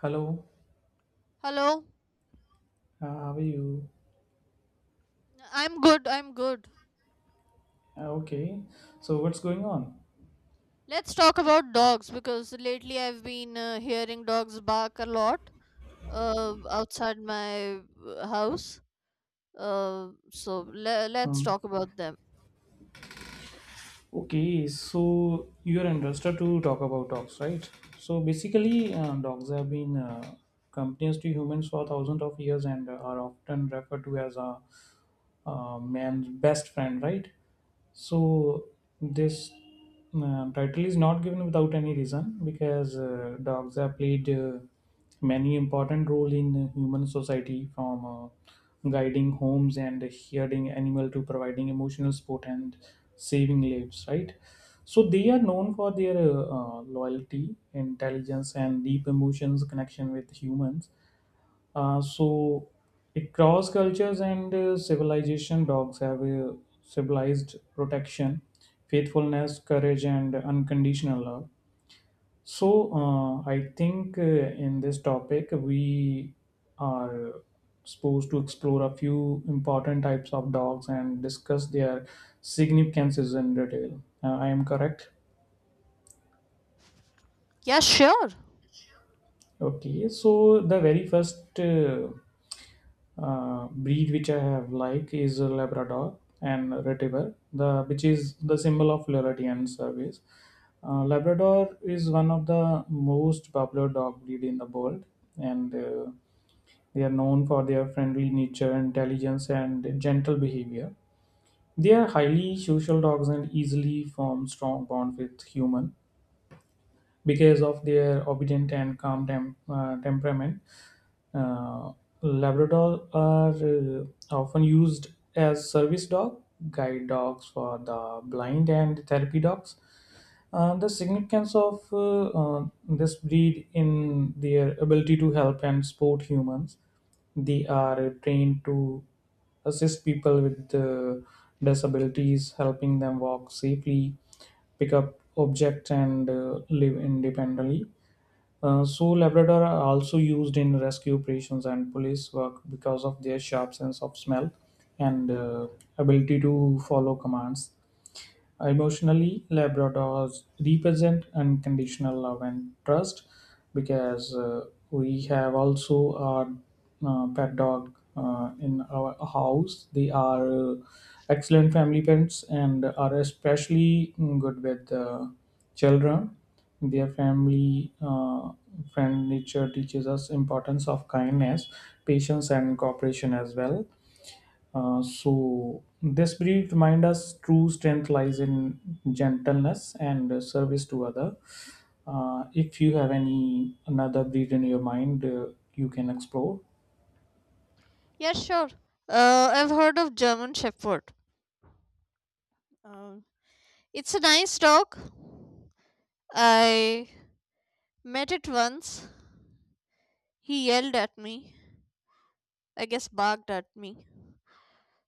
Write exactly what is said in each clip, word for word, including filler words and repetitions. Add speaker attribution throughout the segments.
Speaker 1: Hello,
Speaker 2: Hello,
Speaker 1: uh, how are you?
Speaker 2: I'm good. I'm good.
Speaker 1: Uh, okay, so what's going on?
Speaker 2: Let's talk about dogs because lately I've been uh, hearing dogs bark a lot uh, outside my uh, house. Uh, so le- let's
Speaker 1: Hmm.
Speaker 2: talk about them.
Speaker 1: Okay, so you're interested to talk about dogs, right? So basically, uh, dogs have been uh, companions to humans for thousands of years and are often referred to as a uh, man's best friend, right? So this Um, title is not given without any reason because uh, dogs have played uh, many important role in human society, from uh, guiding homes and herding animal to providing emotional support and saving lives, right? So they are known for their uh, uh, loyalty, intelligence, and deep emotions connection with humans. uh, so, across cultures and uh, civilization, dogs have uh, symbolized protection, faithfulness, courage, and unconditional love. So, uh, I think uh, in this topic, we are supposed to explore a few important types of dogs and discuss their significances in detail. Uh, I am correct.
Speaker 2: Yeah, sure.
Speaker 1: Okay, so the very first uh, uh, breed which I have like is a Labrador and Retriever, the which is the symbol of loyalty and service. Uh, Labrador is one of the most popular dog breed in the world, and uh, they are known for their friendly nature, intelligence, and gentle behavior. They are highly social dogs and easily form strong bond with human because of their obedient and calm tem- uh, temperament. Uh, Labrador are uh, often used as service dog, guide dogs for the blind, and therapy dogs. Uh, the significance of uh, uh, this breed in their ability to help and support humans. They are trained to assist people with uh, disabilities, helping them walk safely, pick up objects, and uh, live independently. Uh, so, Labrador are also used in rescue operations and police work because of their sharp sense of smell and uh, ability to follow commands. Emotionally, Labradors represent unconditional love and trust, because uh, we have also our uh, pet dog uh, in our house. They are uh, excellent family pets and are especially good with uh, children. Their family uh, friend nature teaches us importance of kindness, patience, and cooperation as well. Uh, so this brief remind us true strength lies in gentleness and uh, service to other. Uh, if you have any another breed in your mind, uh, you can explore.
Speaker 2: Yeah, sure. Uh, I've heard of German Shepherd. Um, it's a nice dog. I met it once. He yelled at me. I guess barked at me.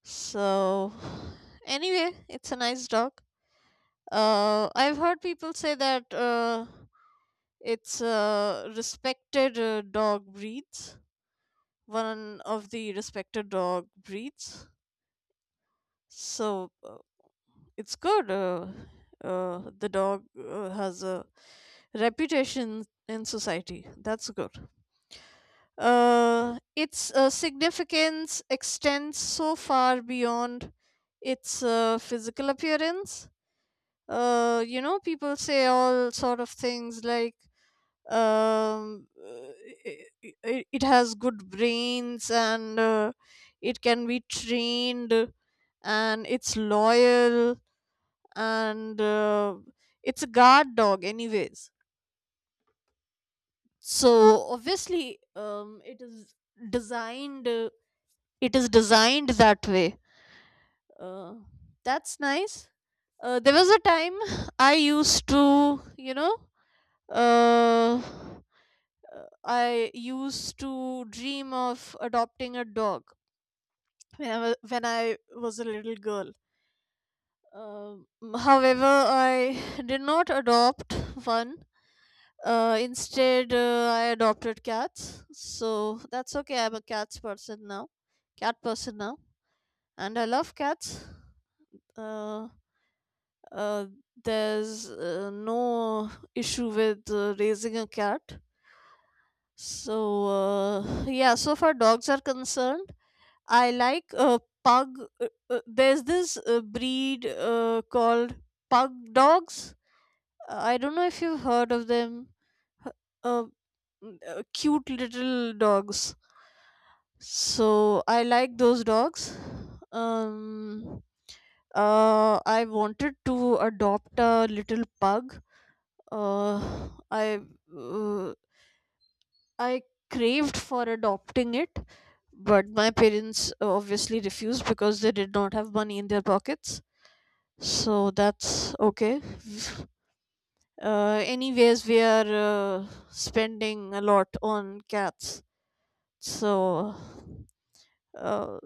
Speaker 2: So, anyway, it's a nice dog. Uh, I've heard people say that uh, it's uh, respected uh, dog breeds, one of the respected dog breeds. So uh, it's good. Uh, uh, the dog uh, has a reputation in society. That's good. Uh, its uh, significance extends so far beyond its uh, physical appearance. Uh, you know, people say all sort of things like um, uh, i- i- i- it has good brains and uh, it can be trained, and it's loyal, and uh, it's a guard dog anyways, so obviously um, it is designed uh, it is designed that way. uh, that's nice. Uh, there was a time I used to you know uh, uh, I used to dream of adopting a dog when I was, when I was a little girl. Um, however, I did not adopt one. Uh, instead, uh, I adopted cats. So that's okay. I'm a cats person now, Cat person now, and I love cats. Uh, uh, there's uh, no issue with uh, raising a cat. So uh, yeah, so far dogs are concerned, I like uh, pug. Uh, uh, there's this uh, breed uh, called pug dogs. Uh, I don't know if you've heard of them. H- Uh, mm, uh, Cute little dogs. So I like those dogs. Um, uh, I wanted to adopt a little pug. Uh, I uh, I craved for adopting it, but my parents uh, obviously refused because they did not have money in their pockets, so that's okay. Uh, anyways, we are uh, spending a lot on cats, so uh,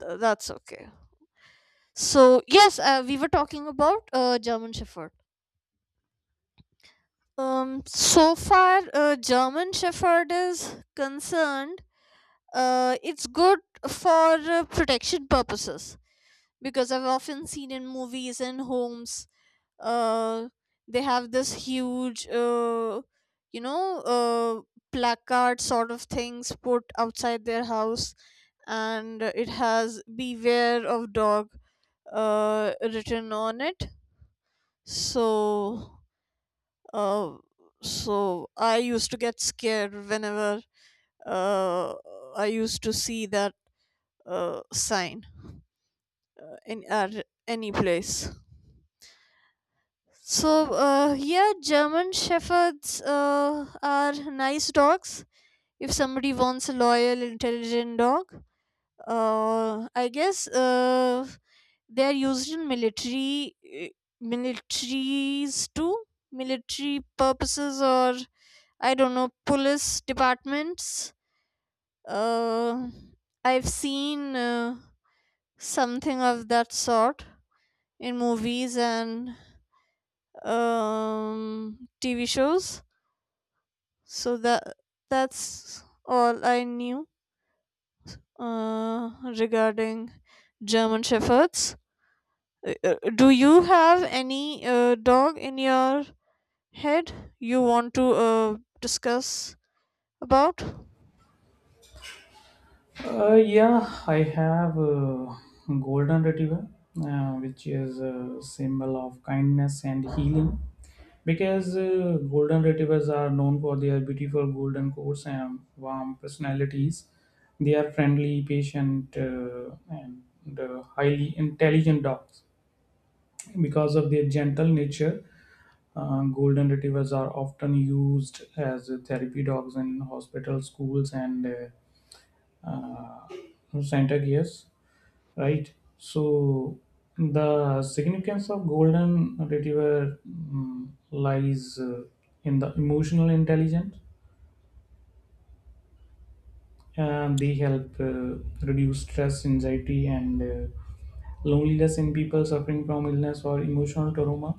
Speaker 2: th- that's okay. So yes, uh, we were talking about uh, German Shepherd. Um so far uh, German Shepherd is concerned, uh, it's good for uh, protection purposes, because I've often seen in movies and homes, uh, they have this huge, uh, you know, uh, placard sort of things put outside their house, and it has "Beware of dog" uh, written on it. So, uh, so I used to get scared whenever uh, I used to see that uh, sign in at any place. So uh, yeah, German shepherds uh, are nice dogs. If somebody wants a loyal, intelligent dog, uh, I guess uh, they are used in military uh, militaries too, military purposes, or I don't know, police departments. Uh, I've seen uh, something of that sort in movies and um, T V shows. So that that's all I knew uh, regarding German shepherds. Uh, uh, do you have any uh, dog in your head you want to uh, discuss about?
Speaker 1: Uh, yeah, I have a golden retriever, uh, which is a symbol of kindness and healing. Because uh, golden retrievers are known for their beautiful golden coats and warm personalities. They are friendly, patient, uh, and uh, highly intelligent dogs. Because of their gentle nature, uh, golden retrievers are often used as therapy dogs in hospitals, schools, and uh, uh, center gears, right? So the significance of golden retriever mm, lies uh, in the emotional intelligence, and they help uh, reduce stress, anxiety, and uh, loneliness in people suffering from illness or emotional trauma.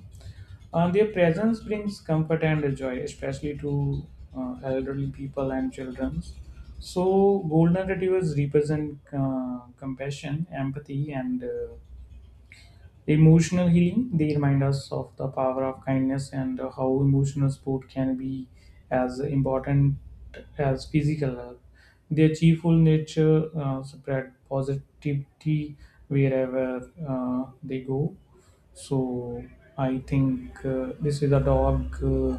Speaker 1: Uh, their presence brings comfort and joy, especially to uh, elderly people and children. So, golden retrievers represent uh, compassion, empathy, and uh, emotional healing. They remind us of the power of kindness and uh, how emotional support can be as important as physical health. Their cheerful nature uh, spread positivity wherever uh, they go. So I think uh, this is a dog Uh,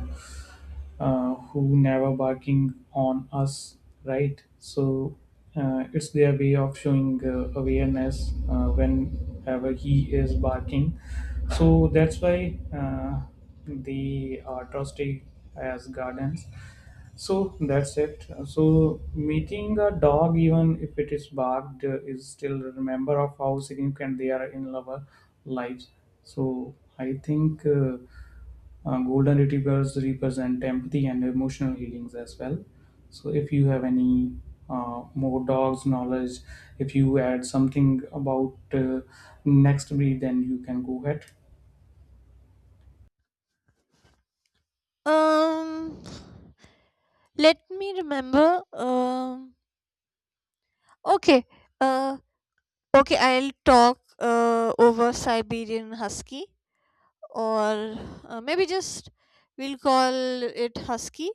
Speaker 1: uh, who never barking on us, right? So uh, it's their way of showing uh, awareness uh, whenever he is barking. So that's why uh, they are trusted as guardians. So that's it. So meeting a dog, even if it is barked, uh, is still a member of how significant they are in our lives. So I think. Uh, uh, golden retrievers represent empathy and emotional healings as well. So if you have any uh, more dogs knowledge, if you add something about uh, next breed, then you can go ahead.
Speaker 2: um Let me remember. um okay uh okay, I'll talk uh, over Siberian Husky, or uh, maybe just we'll call it Husky.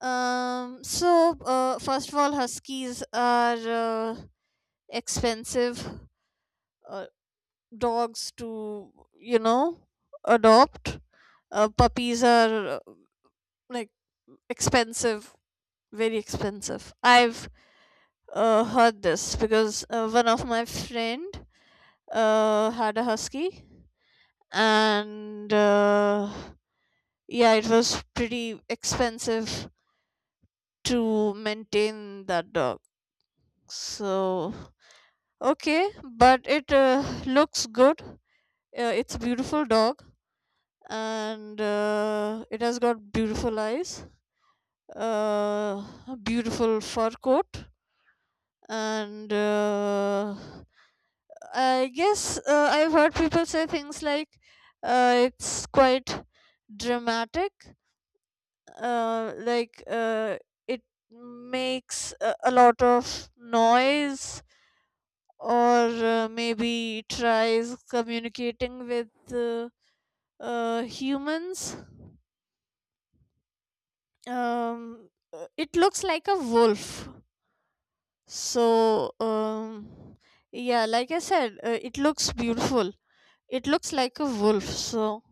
Speaker 2: Um, so, uh, first of all, huskies are uh, expensive uh, dogs to, you know, adopt. Uh, puppies are uh, like expensive, very expensive. I've uh, heard this because uh, one of my friend uh, had a husky, and uh, yeah, it was pretty expensive to maintain that dog. So, okay, but it uh, looks good. Uh, it's a beautiful dog, and uh, it has got beautiful eyes, uh, a beautiful fur coat, and uh, I guess uh, I've heard people say things like uh, it's quite dramatic, uh, like uh, it makes a, a lot of noise, or uh, maybe tries communicating with uh, uh, humans. Um, uh, it looks like a wolf. So, um, yeah, like I said, uh, it looks beautiful. It looks like a wolf. So,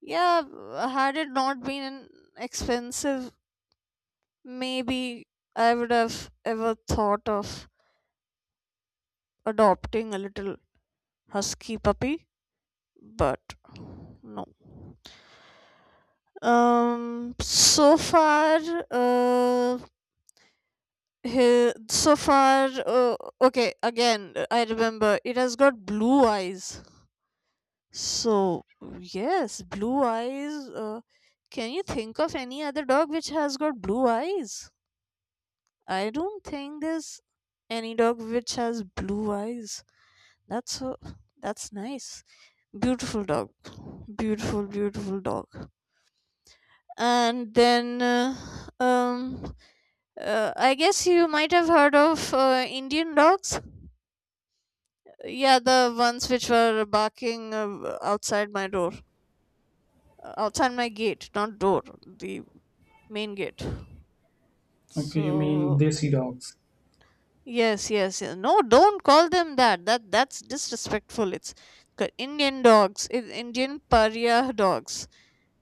Speaker 2: yeah, uh, had it not been an expensive, maybe I would have ever thought of adopting a little husky puppy, but no. Um, so far, uh, he, so far, uh, okay, again, I remember it has got blue eyes. So, yes, blue eyes. Uh, can you think of any other dog which has got blue eyes? I don't think there's any dog which has blue eyes. That's so, that's nice. Beautiful dog. Beautiful, beautiful dog. And then, uh, um, Uh, I guess you might have heard of uh, Indian dogs. Yeah, the ones which were barking uh, outside my door, uh, outside my gate, not door, the main gate.
Speaker 1: Okay, you mean
Speaker 2: So
Speaker 1: desi dogs?
Speaker 2: yes, yes, yes. No, don't call them that. That that's disrespectful. It's c- Indian dogs, I- Indian pariah dogs.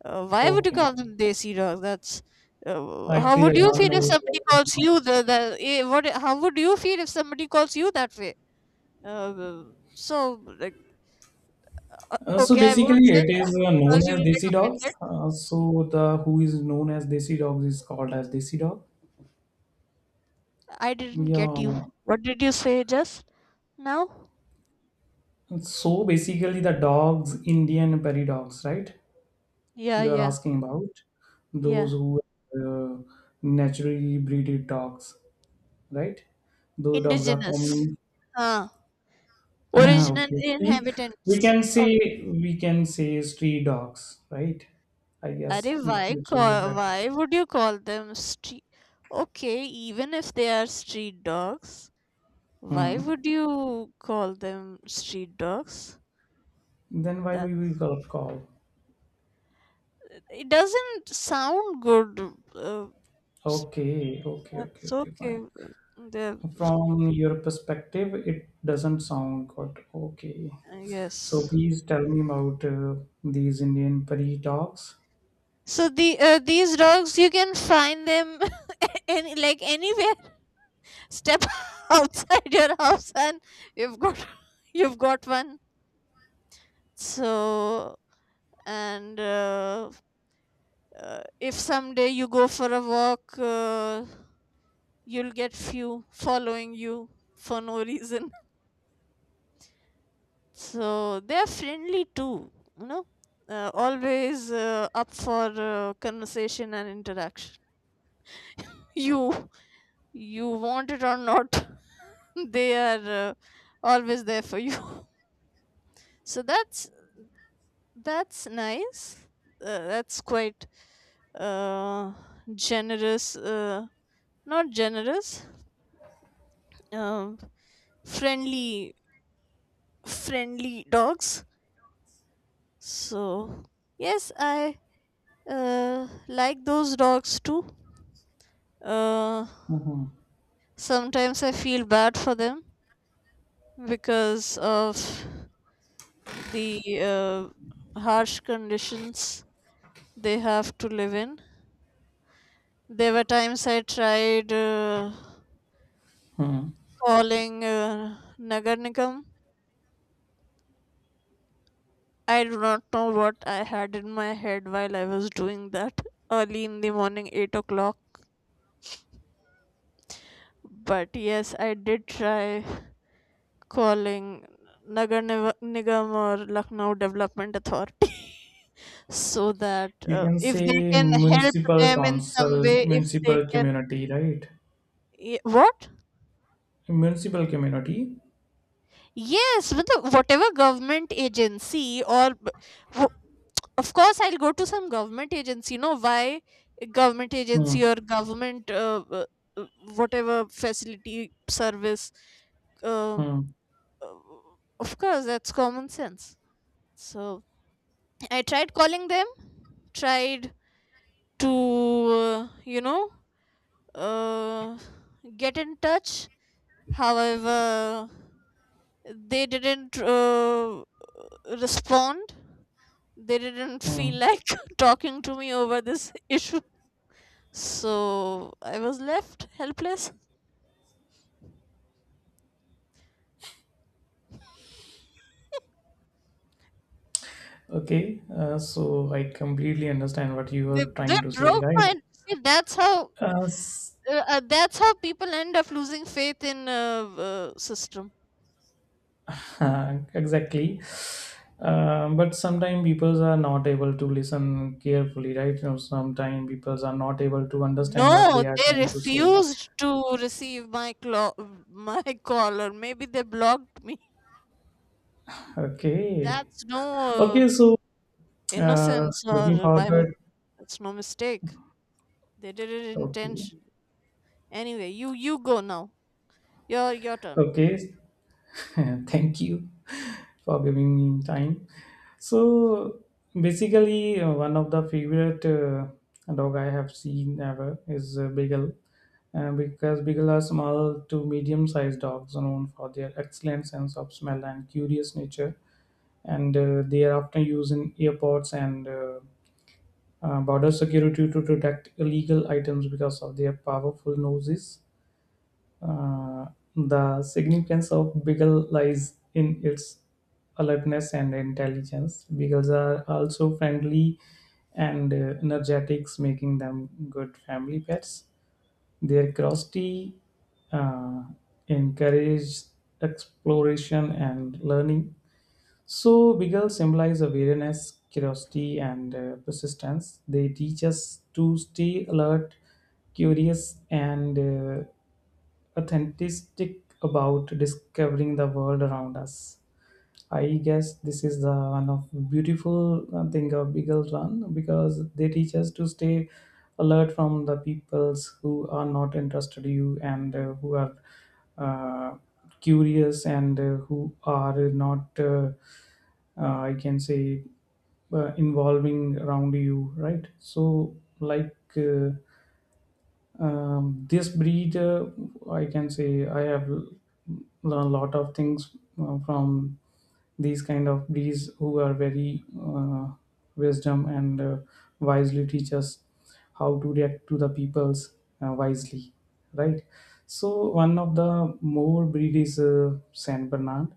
Speaker 2: Uh, why would you
Speaker 1: Okay,
Speaker 2: call them desi dogs? That's uh, how
Speaker 1: actually I
Speaker 2: would you
Speaker 1: don't
Speaker 2: feel if
Speaker 1: know.
Speaker 2: somebody calls you the the eh, what? How would you feel if somebody calls you that way? Uh, so, like,
Speaker 1: Uh, so
Speaker 2: okay, I won't
Speaker 1: basically,
Speaker 2: say
Speaker 1: it
Speaker 2: that
Speaker 1: is uh, known
Speaker 2: because
Speaker 1: as
Speaker 2: you'll get
Speaker 1: desi dogs.
Speaker 2: offended.
Speaker 1: Uh, so the who is known as desi dogs is called as desi dog.
Speaker 2: I didn't get you.
Speaker 1: Yeah.
Speaker 2: What did you say just now?
Speaker 1: So basically, the dogs, Indian prairie dogs, right?
Speaker 2: Yeah,
Speaker 1: You are
Speaker 2: yeah,
Speaker 1: asking about
Speaker 2: yeah.
Speaker 1: those who uh, naturally breeded dogs, right? Those dogs are
Speaker 2: Indigenous.
Speaker 1: commonly
Speaker 2: Huh. Original
Speaker 1: okay. Street, we
Speaker 2: inhabitants
Speaker 1: can
Speaker 2: of.
Speaker 1: say we can say street dogs, right? I guess
Speaker 2: Arey,
Speaker 1: mm,
Speaker 2: why
Speaker 1: which is the
Speaker 2: call,
Speaker 1: better.
Speaker 2: why would you call them street? Okay, even if they are street dogs, why
Speaker 1: Hmm.
Speaker 2: would you call them street dogs?
Speaker 1: Then why we will
Speaker 2: That's
Speaker 1: call call?
Speaker 2: It doesn't sound good. Uh,
Speaker 1: Okay, okay, okay,
Speaker 2: That's
Speaker 1: okay,
Speaker 2: okay.
Speaker 1: fine.
Speaker 2: uh, The
Speaker 1: From your perspective, it doesn't sound good. Okay.
Speaker 2: uh,
Speaker 1: So
Speaker 2: Yes.
Speaker 1: please tell me about uh, these Indian prairie dogs.
Speaker 2: So the uh, these dogs, you can find them any like anywhere. Step outside your house, and you've got you've got one. So, and uh, uh, if someday you go for a walk, uh, you'll get few following you for no reason. So they're friendly too, you know. Uh, always uh, up for uh, conversation and interaction. you you want it or not, they are uh, always there for you. So that's that's nice. Uh, that's quite uh, generous uh, not generous, um, friendly friendly dogs. So yes, I uh, like those dogs too. uh,
Speaker 1: Mhm.
Speaker 2: Sometimes I feel bad for them because of the uh, harsh conditions they have to live in. There were times I tried uh, calling uh, Nagar Nigam. I do not know what I had in my head while I was doing that early in the morning, eight o'clock. But yes, I did try calling Nagar Niva- Nigam or Lucknow Development Authority so that
Speaker 1: You
Speaker 2: uh,
Speaker 1: can
Speaker 2: if they
Speaker 1: say
Speaker 2: can help
Speaker 1: municipal
Speaker 2: them in some
Speaker 1: council,
Speaker 2: way, if they
Speaker 1: municipal
Speaker 2: can.
Speaker 1: community, right?
Speaker 2: Ye- what?
Speaker 1: Municipal community.
Speaker 2: Yes, with the, whatever government agency or b- w- of course I'll go to some government agency. You know why? Government
Speaker 1: Hmm.
Speaker 2: agency or government uh, uh, uh, whatever facility service. Uh, uh,
Speaker 1: Hmm.
Speaker 2: of course, that's common sense. So I tried calling them, tried to, uh, you know, uh, get in touch. However, they didn't uh, respond. They didn't
Speaker 1: Hmm.
Speaker 2: feel like talking to me over this issue, so I was left helpless.
Speaker 1: Okay. Uh, so I completely understand what you
Speaker 2: They,
Speaker 1: are
Speaker 2: they
Speaker 1: trying to say,
Speaker 2: broke my,
Speaker 1: right?
Speaker 2: see, that's how
Speaker 1: Uh, s-
Speaker 2: uh, uh, that's how people end up losing faith in uh, uh, system.
Speaker 1: exactly. Um, but sometimes people are not able to listen carefully, right? You know, sometimes people are not able to understand what
Speaker 2: No,
Speaker 1: they are
Speaker 2: they
Speaker 1: trying to say.
Speaker 2: refused to receive my clo- my call, or maybe they blocked me.
Speaker 1: Okay.
Speaker 2: That's no uh,
Speaker 1: Okay. So, uh,
Speaker 2: innocence
Speaker 1: looking
Speaker 2: or by,
Speaker 1: forward.
Speaker 2: that's no mistake. They did it
Speaker 1: Okay.
Speaker 2: intentionally. Anyway, you you go now, your your turn.
Speaker 1: Okay, thank you for giving me time. So basically, uh, one of the favorite uh, dog I have seen ever is uh, Beagle, uh, because Beagle are small to medium-sized dogs known for their excellent sense of smell and curious nature, and uh, they are often used in airports and uh, uh, border security to detect illegal items because of their powerful noses. Uh, the significance of beagle lies in its alertness and intelligence. Beagles are also friendly and uh, energetic, making them good family pets. Their curiosity uh, encourages exploration and learning. So, beagles symbolize awareness, curiosity, and uh, persistence. They teach us to stay alert, curious, and uh, authentic about discovering the world around us. I guess this is the one of beautiful uh, thing of Beagle's Run because they teach us to stay alert from the peoples who are not interested you, and uh, who are uh, curious, and uh, who are not uh, uh, I can say uh, involving around you, right? So like. Uh, um, this breed, uh, I can say, I have l- learned a lot of things uh, from these kind of breeds who are very uh, wisdom and uh, wisely teach us how to react to the peoples uh, wisely, right? So one of the more breed is uh, Saint Bernard,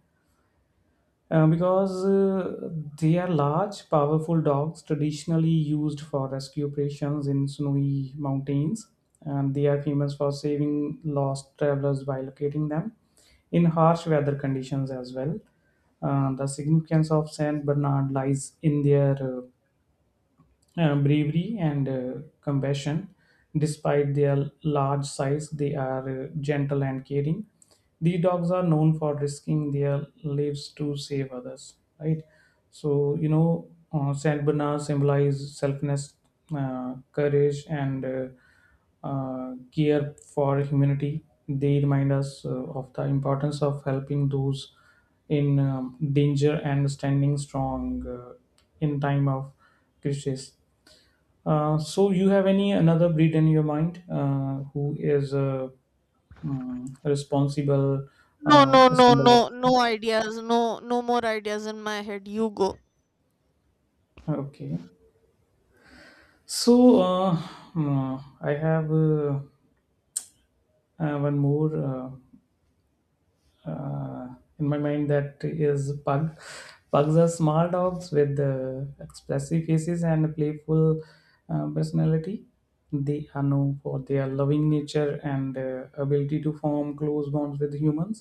Speaker 1: uh, because uh, they are large, powerful dogs traditionally used for rescue operations in snowy mountains, and they are famous for saving lost travelers by locating them in harsh weather conditions as well. Uh, the significance of Saint Bernard lies in their uh, uh, bravery and uh, compassion. Despite their large size, they are uh, gentle and caring. The dogs are known for risking their lives to save others, right? So, you know, uh, Saint Bernard symbolize selfness, uh, courage, and uh, uh, care for humanity. They remind us uh, of the importance of helping those in um, danger and standing strong uh, in time of crisis. Uh, so you have any another breed in your mind uh, who is uh, mm, responsible
Speaker 2: No,
Speaker 1: uh,
Speaker 2: no,
Speaker 1: a
Speaker 2: no,
Speaker 1: symbol of,
Speaker 2: no, no ideas. No, no more ideas in my head. You go.
Speaker 1: okay, so uh, mm, I have uh, uh, one more uh, uh, in my mind, that is pug. Pugs are small dogs with uh, expressive faces and playful uh, personality. They are known for their loving nature and uh, ability to form close bonds with humans.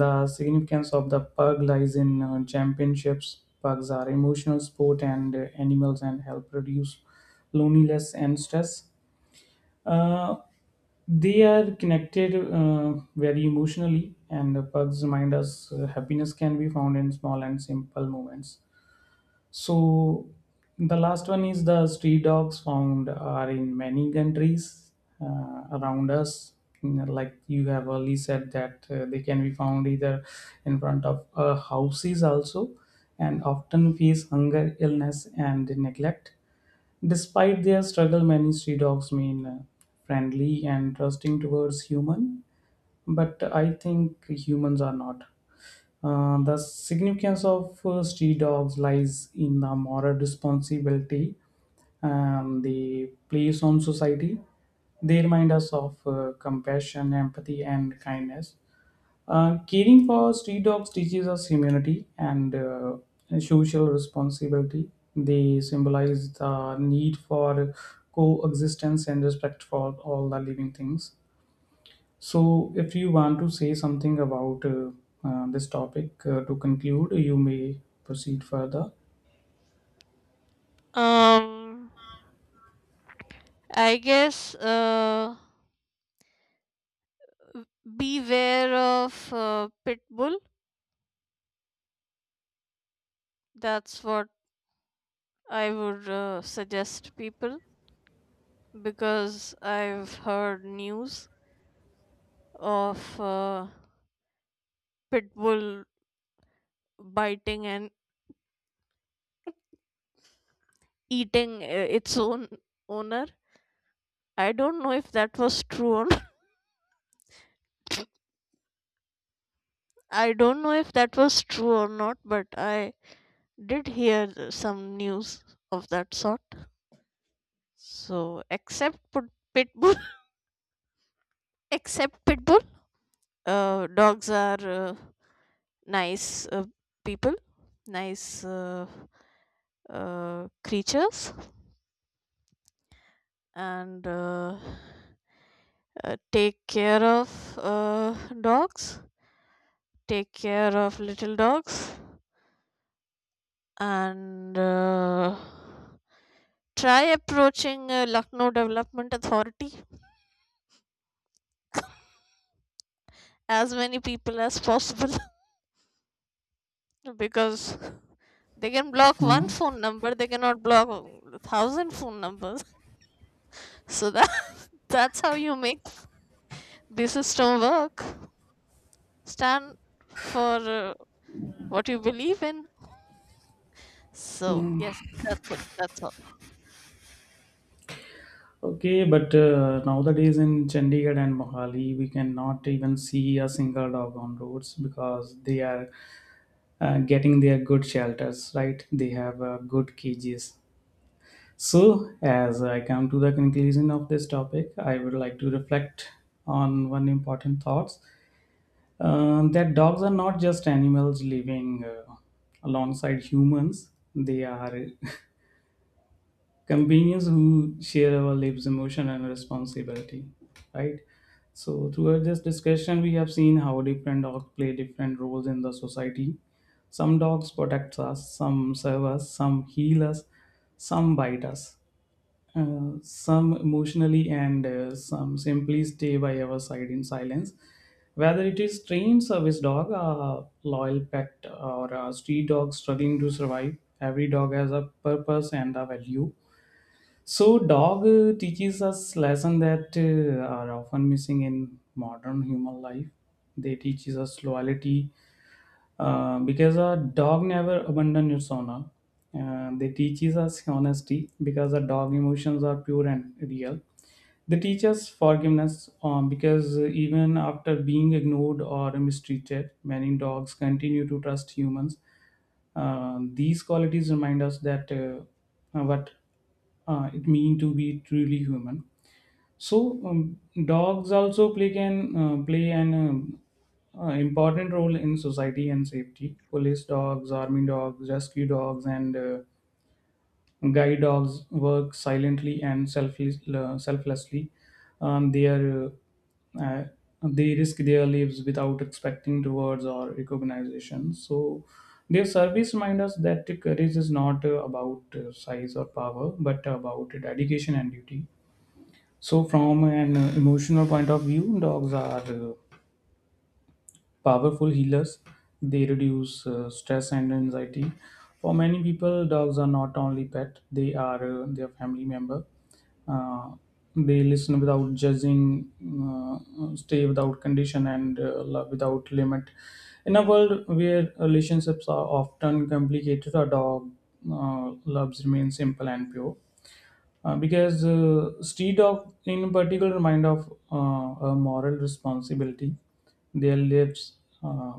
Speaker 1: The significance of the pug lies in uh, championships. Pugs are emotional sport and uh, animals and help reduce loneliness and stress. Uh, they are connected uh, very emotionally, and the pugs remind us uh, happiness can be found in small and simple moments. So the last one is the street dogs found are in many countries uh, around us. You know, like you have early said that uh, they can be found either in front of uh, houses also, and often face hunger, illness, and neglect. Despite their struggle, many street dogs mean uh, friendly and trusting towards human. But I think humans are not. Uh, the significance of uh, street dogs lies in the moral responsibility and the place on society. They remind us of uh, compassion, empathy, and kindness. Uh, caring for street dogs teaches us humility and uh, social responsibility. They symbolize the need for coexistence and respect for all the living things. So, if you want to say something about uh, uh, this topic uh, to conclude, you may proceed further.
Speaker 2: Um, I guess uh, beware of uh, pit bull. That's what I would uh, suggest people, because I've heard news of uh, pit bull biting and eating uh, its own owner. I don't know if that was true or not. I don't know if that was true or not, but I did hear some news of that sort. So except put pitbull, except pitbull, uh, dogs are uh, nice uh, people, nice uh, uh, creatures, and uh, uh, take care of uh, dogs, take care of little dogs, and. Uh, try approaching uh, Lucknow Development Authority as many people as possible. Because they can block one
Speaker 1: Mhm.
Speaker 2: phone number, they cannot block a thousand phone numbers. So that that's how you make the system work. Stand for uh, what you believe in. So yes, that's it that's all.
Speaker 1: Okay, but uh, nowadays in Chandigarh and Mohali, we cannot even see a single dog on roads because they are uh, getting their good shelters, right? They have uh, good cages. So, as I come to the conclusion of this topic, I would like to reflect on one important thought, uh, that dogs are not just animals living uh, alongside humans. They are companions who share our lives emotion and responsibility, right? So throughout this discussion we have seen how different dogs play different roles in the society. Some dogs protect us, some serve us, some heal us, some bite us, uh, some emotionally, and uh, some simply stay by our side in silence. Whether it is trained service dog, a loyal pet, or a street dog struggling to survive, every dog has a purpose and a value. So, dog uh, teaches us lessons that uh, are often missing in modern human life. They teaches us loyalty, uh, because a dog never abandons its owner. Uh, they teaches us honesty because a dog emotions are pure and real. They teach us forgiveness, um, because even after being ignored or mistreated, many dogs continue to trust humans. Uh, these qualities remind us that uh, what uh, it means to be truly human. So um, dogs also play, can uh, play, an um, uh, important role in society and safety. Police dogs, army dogs, rescue dogs, and uh, guide dogs work silently and selfless, uh, selflessly. Um, they are uh, uh, they risk their lives without expecting rewards or recognition. So their service reminds us that courage is not uh, about uh, size or power, but about dedication and duty. So, from an uh, emotional point of view, dogs are uh, powerful healers. They reduce uh, stress and anxiety. For many people, dogs are not only pet; they are uh, their family member. Uh, they listen without judging, uh, stay without condition, and uh, love without limit. In a world where relationships are often complicated, a dog uh, loves remain simple and pure. Uh, because uh, street dog in particular remind of uh, a moral responsibility. Their lives uh,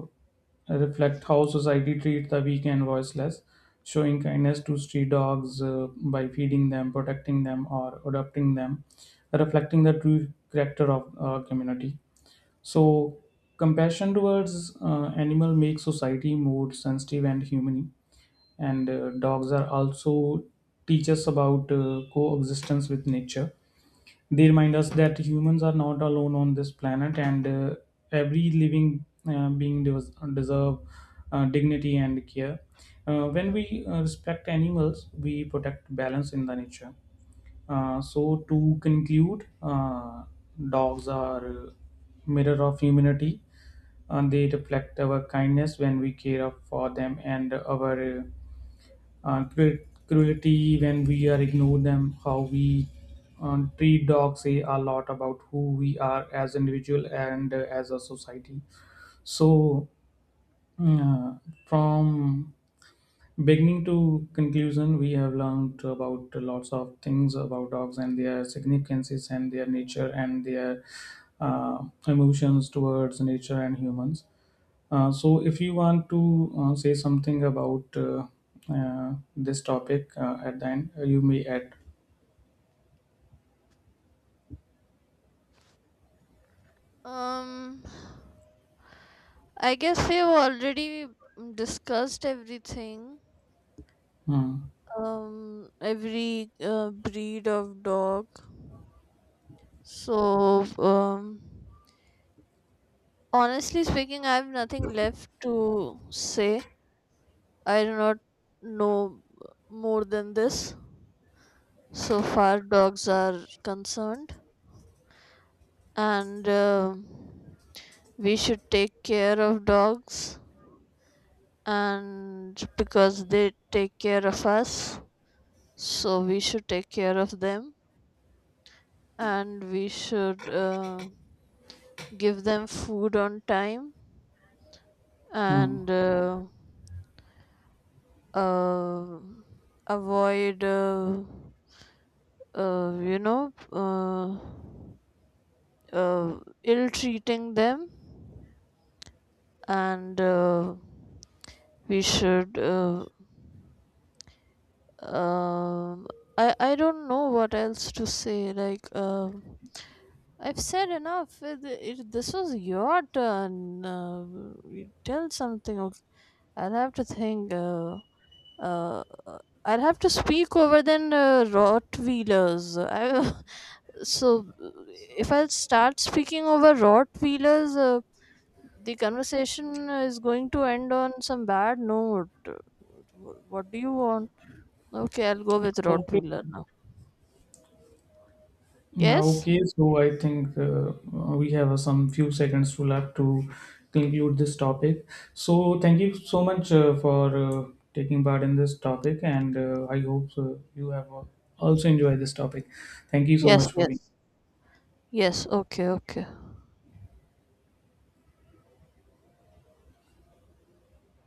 Speaker 1: reflect how society treats the weak and voiceless. Showing kindness to street dogs uh, by feeding them, protecting them, or adopting them, reflecting the true character of a community. So compassion towards uh, animal makes society more sensitive and humane, and uh, dogs are also teach us about uh, coexistence with nature. They remind us that humans are not alone on this planet, and uh, every living uh, being des- deserve uh, dignity and care. Uh, when we uh, respect animals we protect balance in the nature. Uh, so to conclude, uh, dogs are uh, mirror of humanity, and they reflect our kindness when we care for them and our uh, uh, cru- cruelty when we are ignore them. How we uh, treat dogs say a lot about who we are as individual and uh, as a society. So uh, from beginning to conclusion we have learned about lots of things about dogs and their significances and their nature and their uh, emotions towards nature and humans. Uh, so, if you want to uh, say something about uh, uh, this topic uh, at the end, uh, you may add.
Speaker 2: Um, I guess we've already discussed everything.
Speaker 1: Hmm.
Speaker 2: Um, every uh, breed of dog. So, um, honestly speaking, I have nothing left to say. I do not know more than this so far dogs are concerned. And um we should take care of dogs, and because they take care of us, so we should take care of them, and we should uh, give them food on time,
Speaker 1: Hmm.
Speaker 2: and uh, uh, avoid uh, uh, you know, uh, uh, ill treating them, and uh, we should. Uh, um I I don't know what else to say. Like, um, I've said enough. It, it, this was your turn. Uh, you tell something. Okay. I'll have to think. Uh, uh, uh, I'll have to speak over then uh, Rottweilers. I so uh, if I start speaking over rot wheelers, uh, the conversation is going to end on some bad note. Uh, wh- what do you want? Okay, I'll go with rot
Speaker 1: Okay.
Speaker 2: wheeler now.
Speaker 1: Uh,
Speaker 2: Yes,
Speaker 1: Okay. So, I think uh, uh, we have uh, some few seconds to left to conclude this topic. So, thank you so much uh, for uh, taking part in this topic, and uh, I hope uh, you have uh, also enjoyed this topic. Thank you so
Speaker 2: yes.
Speaker 1: much for
Speaker 2: Yes.
Speaker 1: being.
Speaker 2: Yes, okay, okay.